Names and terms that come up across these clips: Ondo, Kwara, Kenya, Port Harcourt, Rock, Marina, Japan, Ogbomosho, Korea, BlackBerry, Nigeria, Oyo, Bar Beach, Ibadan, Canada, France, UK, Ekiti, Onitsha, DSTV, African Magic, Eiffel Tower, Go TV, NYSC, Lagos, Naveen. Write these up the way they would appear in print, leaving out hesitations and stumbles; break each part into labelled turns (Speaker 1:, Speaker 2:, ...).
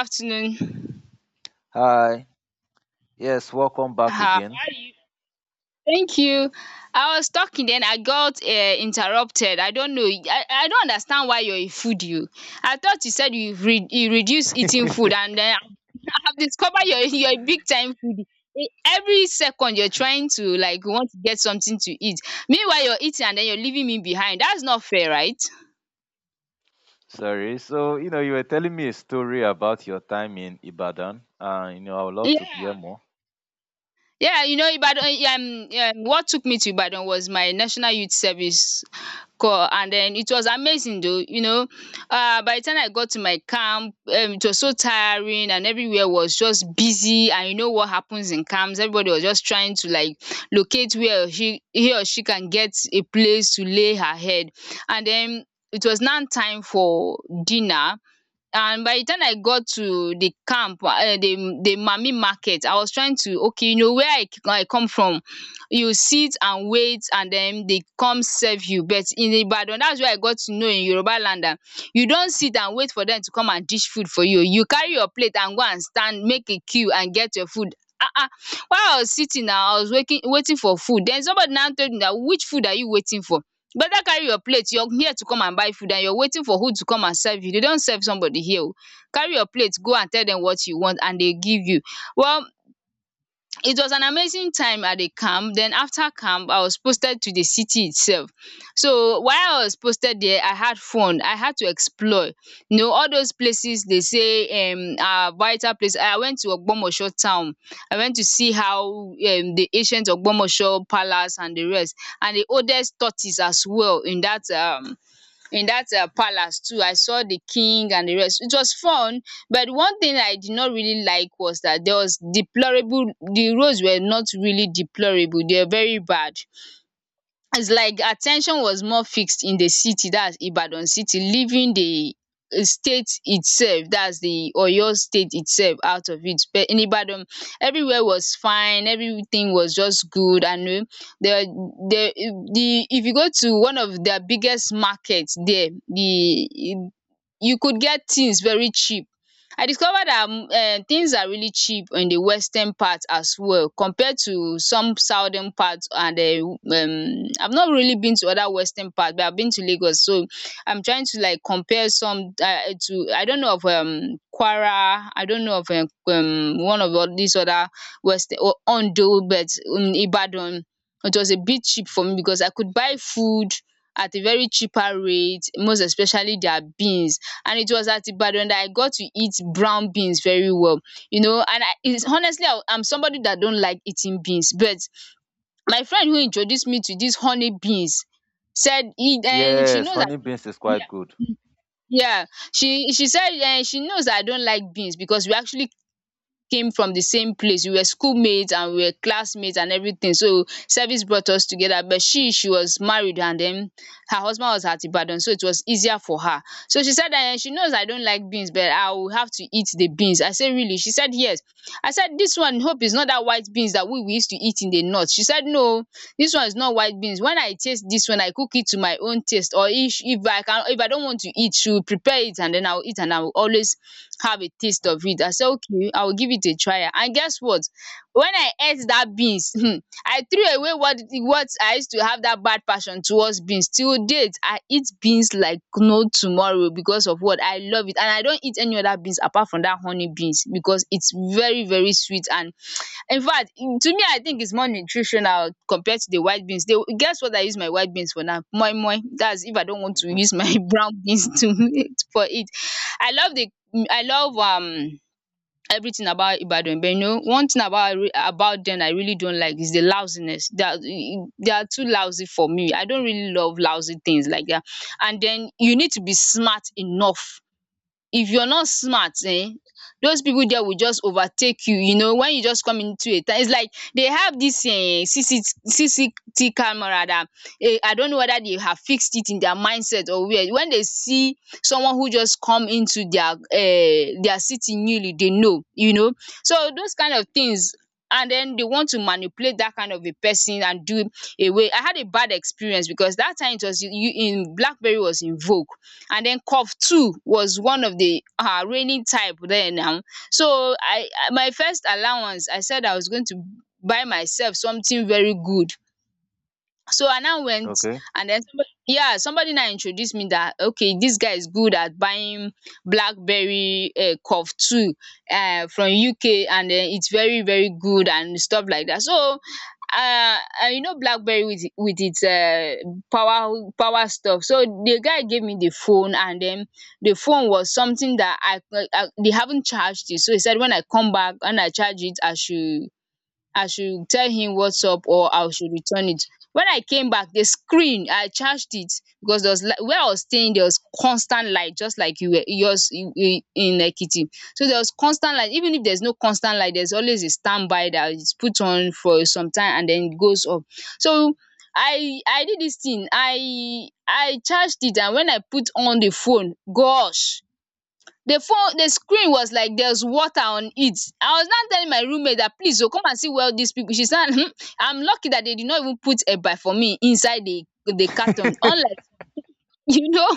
Speaker 1: Afternoon.
Speaker 2: Hi. Yes, welcome back
Speaker 1: How
Speaker 2: again.
Speaker 1: are you? Thank you. I was talking then I got interrupted. I don't know. I don't understand why you're a foodie. You. I thought you said you you reduce eating food, and then I have discovered you're, you're a big time foodie. Every second you're trying to like want to get something to eat. Meanwhile you're eating and then you're leaving me behind. That's not fair, right?
Speaker 2: Sorry. So, you were telling me a story about your time in Ibadan, and I would love to hear
Speaker 1: Yeah.
Speaker 2: more.
Speaker 1: Yeah, you know, Ibadan, eh, what took me to Ibadan was my national youth service corps, and then it was amazing though, you know. By the time I got to my camp, it was so tiring and everywhere was just busy. And you know what happens in camps? Everybody was just trying to like locate where he or she can get a place to lay her head. And then it was now time for dinner, and by the time I got to the camp, the Mami market, I was trying to, okay, you know, where I I come from, you sit and wait and then they come serve you, but in Ibadan, that's where I got to know, in Yoruba land, dat you don sit and wait for them to come and dish food for you. You carry your plate and go and stand, make a queue and get your food. um while I was sitting na, I was waiting, waiting for food. Then somebody now told me that, which food are you waiting for? Better carry your plate, you're here to come and buy food and you're waiting for who to come and serve you. They don't serve somebody here oh. Carry your plate, go and tell them what you want and they give you. Well, it was an amazing time at the camp. Then after camp, I was posted to the city itself. So while I was posted there, I had fun. I had to explore. You know, all those places they say are vital place. I went to Ogbomosho town. I went to see how the ancient Ogbomosho palace and the rest, and the oldest tortoise as well in that palace too. I saw the king and the rest. It was fun, but one thing I did not really like was that there was deplorable, the roads were not really deplorable, they were very bad. It's like attention was more fixed in the city, that's Ibadan city, leaving the state itself, that's the Oyo state itself, out of it, but in Ibadan everywhere was fine, everything was just good, and the the if you go to one of their biggest markets there, the you could get things very cheap. I discovered that things are really cheap in the western part as well compared to some southern parts. And I've not really been to other western parts, but I've been to Lagos, so I'm trying to like compare some to, I don't know of Kwara, I don't know of one of all these other west, or Ondo, but Ibadan, it was a bit cheap for me because I could buy food at a very cheaper rate, most especially their beans. And it was at Ibadan that I got to eat brown beans very well. You know, and I is, honestly, I'm somebody that don't like eating beans, but my friend who introduced me to these honey beans said e she
Speaker 2: Yes,
Speaker 1: knows that,
Speaker 2: honey beans is
Speaker 1: yeah.
Speaker 2: quite good.
Speaker 1: Yeah, she said she knows I don't like beans because we actually came from the same place. We were schoolmates and we were classmates and everything. So service brought us together. But she was married, and then her husband was at Ibadan, so it was easier for her. So she said that she knows I don't like beans, but I will have to eat the beans. I said, really? She said yes. I said, this one hope is not that white beans that we used to eat in the north. She said no, this one is not white beans. When I taste this one, I cook it to my own taste. Or if I can, if I don't want to eat, she will prepare it and then I'll eat and I will always have a taste of it. I said, okay, I will give it a try. And guess what? When I ate that beans, hmm, I threw away what I used to have, that bad passion towards beans. Till date, I eat beans like no tomorrow because of what I love it. And I don't eat any other beans apart from that honey beans because it's very, very sweet. And in fact, in to me I think it's more nutritional compared to the white beans. They guess what I use my white beans for now? Moi moi. That's if I don't want to use my brown beans to for it. I love the I love everything about Ibadan, but you know, one thing about, I about them I really don't like is the lousiness. They are too lousy for me. I don't really love lousy things like that. And then you need to be smart enough. If you're not smart, those people there will just overtake you. You know, when you just come into a town, it's like they have this CCT camera that I don't know whether they have fixed it in their mindset or where, when they see someone who just come into their city newly, they know, you know. So those kind of things, and then they want to manipulate that kind of a person and do away. I had a bad experience because that time it was, you in BlackBerry was in vogue, and then cough two was one of the reigning type there now. So my first allowance, I said I was going to buy myself something very good. So I now went,
Speaker 2: Okay.
Speaker 1: and then somebody, yeah, somebody now introduced me that, okay, this guy is good at buying BlackBerry curve two, from UK, and then it's very, very good and stuff like that. So and you know, BlackBerry with its power stuff. So the guy gave me the phone, and then the phone was something that I they haven't charged it. So he said when I come back and I charge it, I should tell him what's up, or I should return it. When I came back, the screen, I charged it, because there was where I was staying, there was constant light, just like you were yours in in Ekiti. So there was constant light. Even if there's no constant light, there's always a standby that is put on for some time and then it goes off. So I did this thing. I charged it, and when I put on the phone, gosh, the phone, the screen was like there was water on it. I was now telling my roommate that, please o, come and see where all these people. She said hmm, I'm lucky that they did not even put eba for me inside the carton, unlike you know,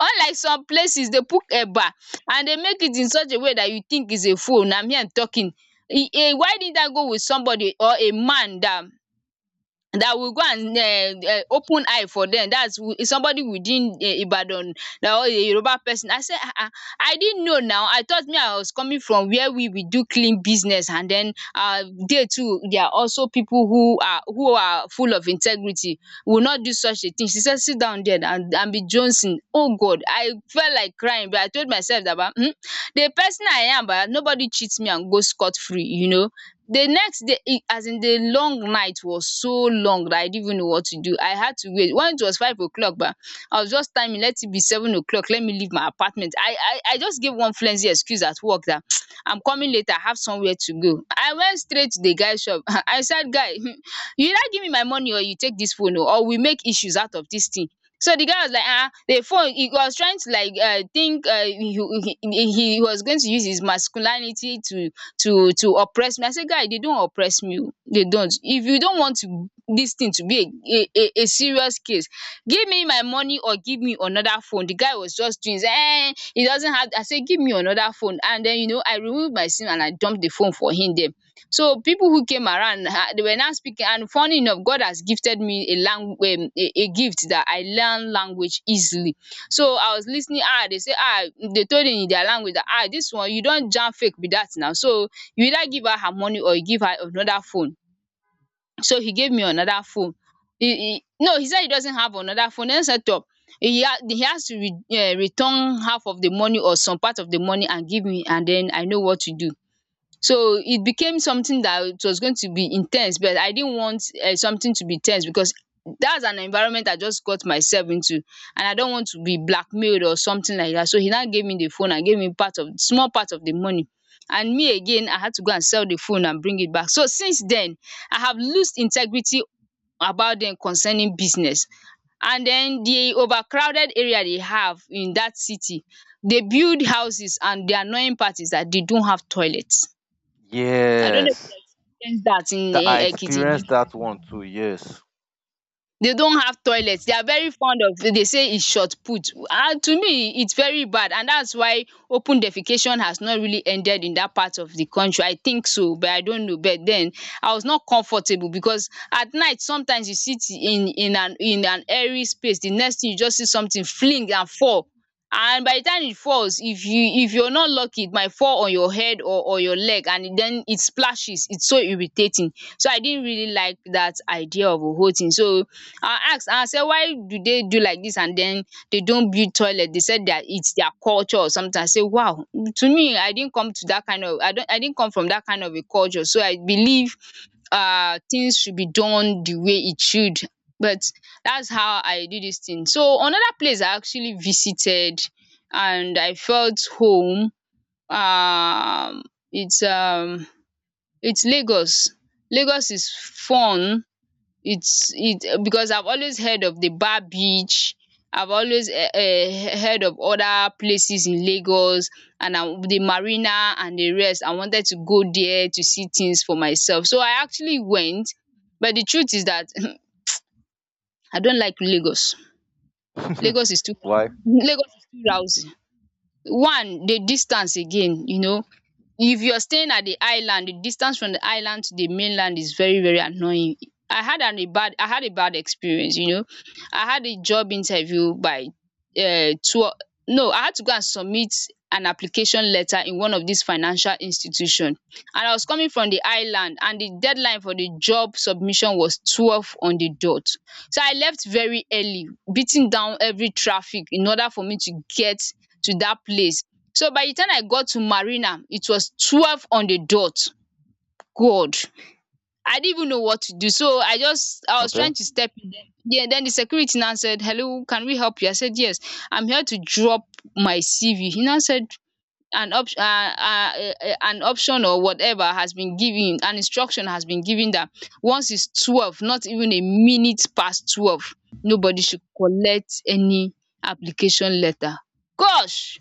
Speaker 1: unlike some places they put eba and they make it in such a way that you think it's a phone. Na me I'm talking, e eh, why didn't I go with somebody, or a man that will go and open eye for them, that's is somebody within Ibadan, that or a Yoruba person. I say I didn't know. Now I thought me, I was coming from where we do clean business, and then they too, they are also people who are full of integrity, will not do such a thing. She said, sit down there and be Johnson. Oh God, I felt like crying, but I told myself that the person I am, but nobody cheats me and go scot free, you know. The next day, e as in, the long night was so long that I didn't even know what to do. I had to wait. When it was 5 o'clock, but I was just timing, let it be 7 o'clock. Let me leave my apartment. I just gave one flimsy excuse at work that I'm coming later. I have somewhere to go. I went straight to the guy's shop. I said, guy, you either give me my money or you take this phone, oh, or we make issues out of this thing. So the guy was like, ah, the phone. He was trying to he was going to use his masculinity to to oppress me. I say, guy, they don't oppress me oo, dey don't. If you don't want to, this thing to be a serious case, give me my money or give me another phone. The guy was just doing he doesn't have. I say give me another phone and then I remove my SIM and I dump the phone for him there. So people who came around, they were now speaking, and funny enough, God has gifted me a lang a gift that I learn language easily. So I was listening. Ah, they say, ah, they told him in their language that ah, this one you don't jam fake be that now. So you either give her her money or you give her another phone. So he gave me another phone. He no, he said he doesn't have another phone, then set up, he ha he has to re return half of the money or some part of the money and give me, and then I know what to do. So it became something that it was going to be intense, but I didn't want something to be tense because that's an environment I just got myself into, and I don't want to be blackmailed or something like that. So he now gave me the phone and gave me part of, small part of the money. And me again, I had to go and sell the phone and bring it back. So since then, I have lost integrity about them concerning business. And then the overcrowded area they have in that city, they build houses and the annoying part is that they don't have toilets. I don't know if
Speaker 2: Yes.
Speaker 1: you experienced that in
Speaker 2: That I experienced
Speaker 1: Ekiti.
Speaker 2: that one too. Yes.
Speaker 1: They don't have toilets. They are very fond of, they say it's short put. And to me it's very bad, and that's why open defecation has not really ended in that part of the country. I think so, but I don't know. But then I was not comfortable because at night sometimes you sit in an airy space, the next thing you just see something fling and fall, and by the time it falls, if you if you're not lucky, it might fall on your head or your leg, and then it splashes. It's so irritating. So I didn't really like that idea of a whole thing. So I ask, I say, why do they do like this and then they don't build toilet? They said that it's their culture or something. I say, wow, to me, I didn't come to that kind of, I don't, I didn't come from that kind of a culture. So I believe things should be done the way it should. But that's how I do this thing. So another place I actually visited and I felt home. Um it's um it's Lagos. Lagos is fun, it's it because I've always heard of the Bar Beach. I've always heard of other places in Lagos, and I the Marina and the rest. I wanted to go there to see things for myself. So I actually went, but the truth is that I don't like Lagos. Lagos is too
Speaker 2: Why?
Speaker 1: Lagos is too lousy. One, the distance again, you know, if you're staying at the island, the distance from the island to the mainland is very, very annoying. I had a bad experience, you know. I had a job interview by two no, I had to go and submit an application letter in one of these financial institution, and I was coming from the island, and the deadline for the job submission was 12 on the dot. So I left very early, beating down every traffic in order for me to get to that place. So by the time I got to Marina, it was 12 on the dot. God! I didn't even know what to do, so I just, I was
Speaker 2: Okay.
Speaker 1: trying to step in there. Yeah, then the security now said, hello, can we help you? I said, yes, I'm here to drop my CV. He now said an option or whatever has been given, an instruction has been given, that once it's 12, not even a minute past 12, nobody should collect any application letter. Gosh!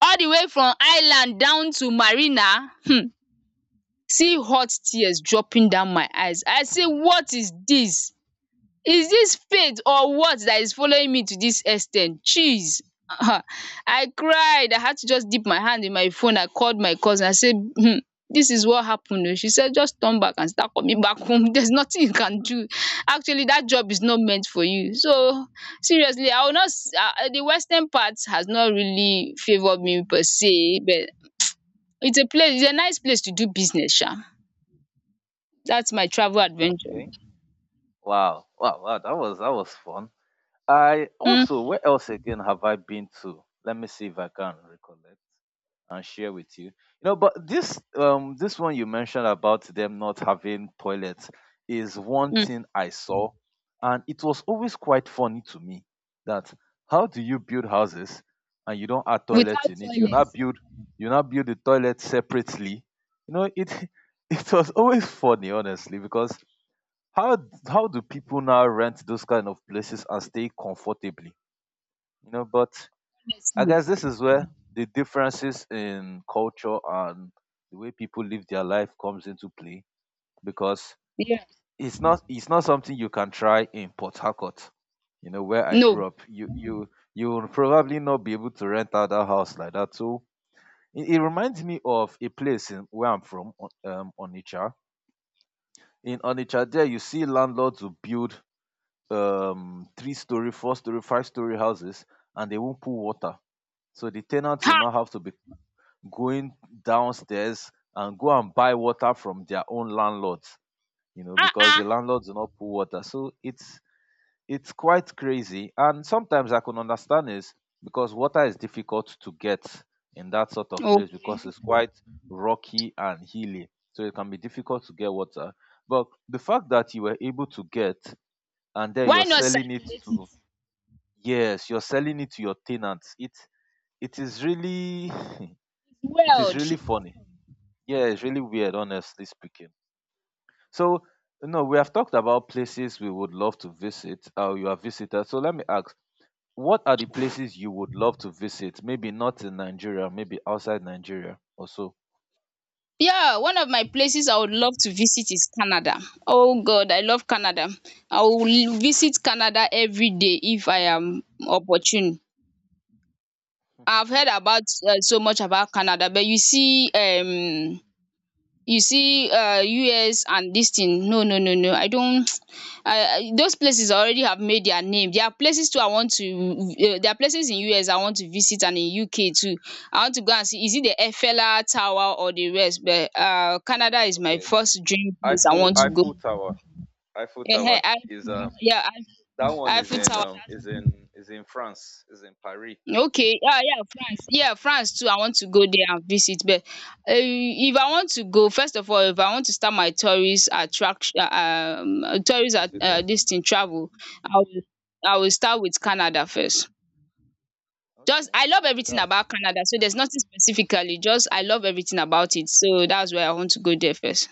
Speaker 1: All the way from island down to Marina, see hot tears dropping down my eyes. I say, what is this? Is this fate or what that is following me to this ex ten t chees. um I cried. I had to just dip my hand in my phone, I called my cousin, I said, dis is what happened. O, she said, just turn back and start coming back home. There's nothing you can do, actually, that job is not meant for you. So seriously, I will not s- the western part has not really favoured me per se, but it's a place, it's a nice place to do business sha. That's my travel adventure.
Speaker 2: Okay. Wow. Wow. Wow. That was fun. I
Speaker 1: Mm,
Speaker 2: also. Where else again have I been to? Let me see if I can recollect and share with you. But this one you mentioned about them not having toilets is one
Speaker 1: mm.
Speaker 2: thing I saw, and it was always quite funny to me that how do you build houses and you don't add toilet
Speaker 1: Without
Speaker 2: in it? You
Speaker 1: toilet,
Speaker 2: not build you not build the toilet separately. It it was always funny honestly because how how do people now rent those kind of places and stay comfortably? But I
Speaker 1: honestly,
Speaker 2: guess this is where the differences in culture and the way people live their life comes into play because
Speaker 1: yeah.
Speaker 2: it's not something you can try in Port Harcourt, where I
Speaker 1: No.
Speaker 2: grew up. You will probably not be able to rent out a house like that. So it reminds me of a place in where I'm from, Onitsha. In Onitsha, there you see landlords who build three-story, four-story, five-story houses, and they won't put water. So the tenants will
Speaker 1: Ha!
Speaker 2: now have to be going downstairs and go and buy water from their own landlords, because
Speaker 1: Ah-ah.
Speaker 2: the landlords do not pull water. So it's quite crazy. And sometimes I can understand is because water is difficult to get in that sort of
Speaker 1: Oh,
Speaker 2: place because it's quite rocky and hilly. So it can be difficult to get water. But the fact that you were able to get and then
Speaker 1: why
Speaker 2: you're
Speaker 1: not
Speaker 2: selling it
Speaker 1: circulate it?
Speaker 2: to, yes, you're selling it to your tenants, it is really it is really
Speaker 1: World.
Speaker 2: funny. Yeah, it's really weird, honestly speaking. So, we have talked about places we would love to visit. You have visited. So let me ask, what are the places you would love to visit? Maybe not in Nigeria, maybe outside Nigeria or so.
Speaker 1: Yeah, one of my places I would love to visit is Canada. Oh God, I love Canada. I will visit Canada every day if I am opportune. I've heard about so much about Canada, but you see, you see US and this thing, no no no no, I don't, I those places already have made their name. There are places too I want to there are places in US I want to visit, and in UK too. I want to go and see, is it the Eiffel tower or the rest? But Canada is my
Speaker 2: Okay,
Speaker 1: first dream place I
Speaker 2: Eiffel
Speaker 1: want to go.
Speaker 2: Eiffel Tower. Eiffel Tower is
Speaker 1: um yeah
Speaker 2: that one is
Speaker 1: Eiffel
Speaker 2: in
Speaker 1: tower.
Speaker 2: France. Is in Paris.
Speaker 1: Okay, yeah, yeah, France. Yeah, France too. I want to go there and visit. But if I want to go, first of all, if I want to start my tourist attraction, tourist at,
Speaker 2: Visiting.
Speaker 1: this thing travel, I will, I will start with Canada first. Just
Speaker 2: Okay,
Speaker 1: I love
Speaker 2: okay,
Speaker 1: everything
Speaker 2: that's
Speaker 1: about Canada, so there's nothing specifically. Just I love everything about it, so that's why I want to go there first.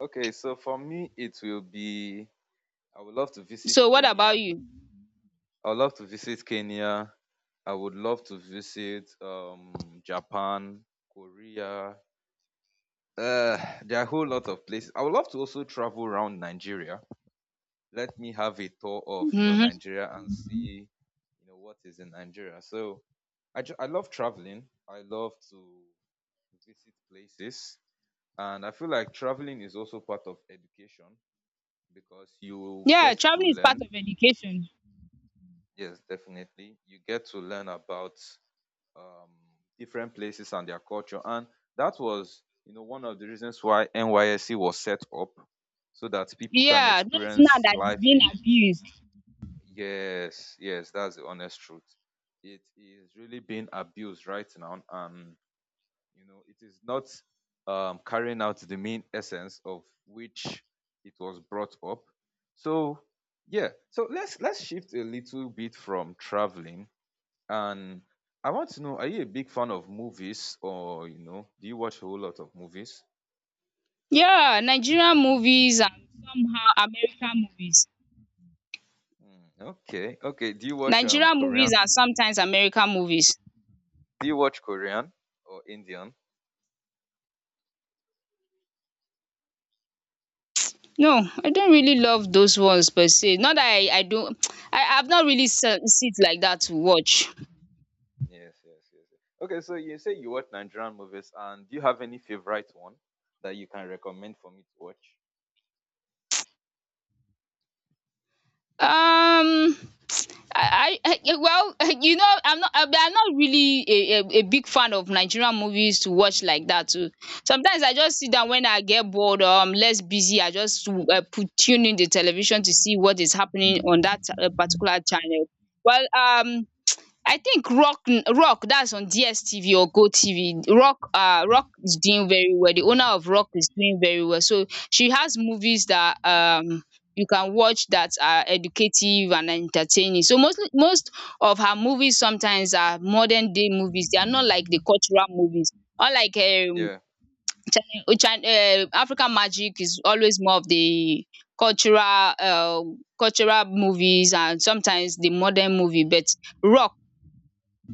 Speaker 2: okay. So for me, it will be. I would love to visit
Speaker 1: So what about
Speaker 2: Kenya.
Speaker 1: you?
Speaker 2: I would love to visit Kenya. I would love to visit Japan, Korea. Uh, there are a whole lot of places. I would love to also travel around Nigeria. Let me have a tour of
Speaker 1: Hmm.
Speaker 2: Nigeria and see what is in Nigeria. So I love traveling. I love to visit places, and I feel like traveling is also part of education because you
Speaker 1: Yeah,
Speaker 2: get to
Speaker 1: traveling is part
Speaker 2: learn.
Speaker 1: of education.
Speaker 2: Yes, definitely, you get to learn about um, different places and their culture. And that was, one of the reasons why NYSC was set up so that people can
Speaker 1: Yeah, not now
Speaker 2: experience
Speaker 1: that it's
Speaker 2: life
Speaker 1: being
Speaker 2: in.
Speaker 1: abused.
Speaker 2: Yes, yes, that's the honest truth. It is really being abused right now, and it is not carrying out the main essence of which it was brought up. So, yeah. So let's shift a little bit from traveling and I want to know, are you a big fan of movies or, do you watch a whole lot of movies?
Speaker 1: Yeah, Nigerian movies and somehow American movies.
Speaker 2: Hmm, okay. Okay. Do you watch
Speaker 1: Nigerian
Speaker 2: Korean?
Speaker 1: movies and sometimes American movies.
Speaker 2: Do you watch Korean or Indian?
Speaker 1: No, I don't really love those ones per se. Not that I don't I I've not really se- sit like that to watch.
Speaker 2: Yes, yes, yes. Yes. Okay, so you say you watch Nigerian movies and do you have any favorite one that you can recommend for me to watch?
Speaker 1: Um, well, you know, I'm not. I'm not really a big fan of Nigerian movies to watch like that. Too. Sometimes I just sit down when I get bored or I'm less busy. I just put tune in the television to see what is happening on that particular channel. Well, I think Rock Rock, that's on DSTV or Go TV. Rock is doing very well. The owner of Rock is doing very well. So she has movies that you can watch that are educative and entertaining. So mostly, most of her movies sometimes are modern day movies. They are not like the cultural movies. Unlike
Speaker 2: Yeah.
Speaker 1: China, African Magic is always more of the cultural movies and sometimes the modern movie. But Rock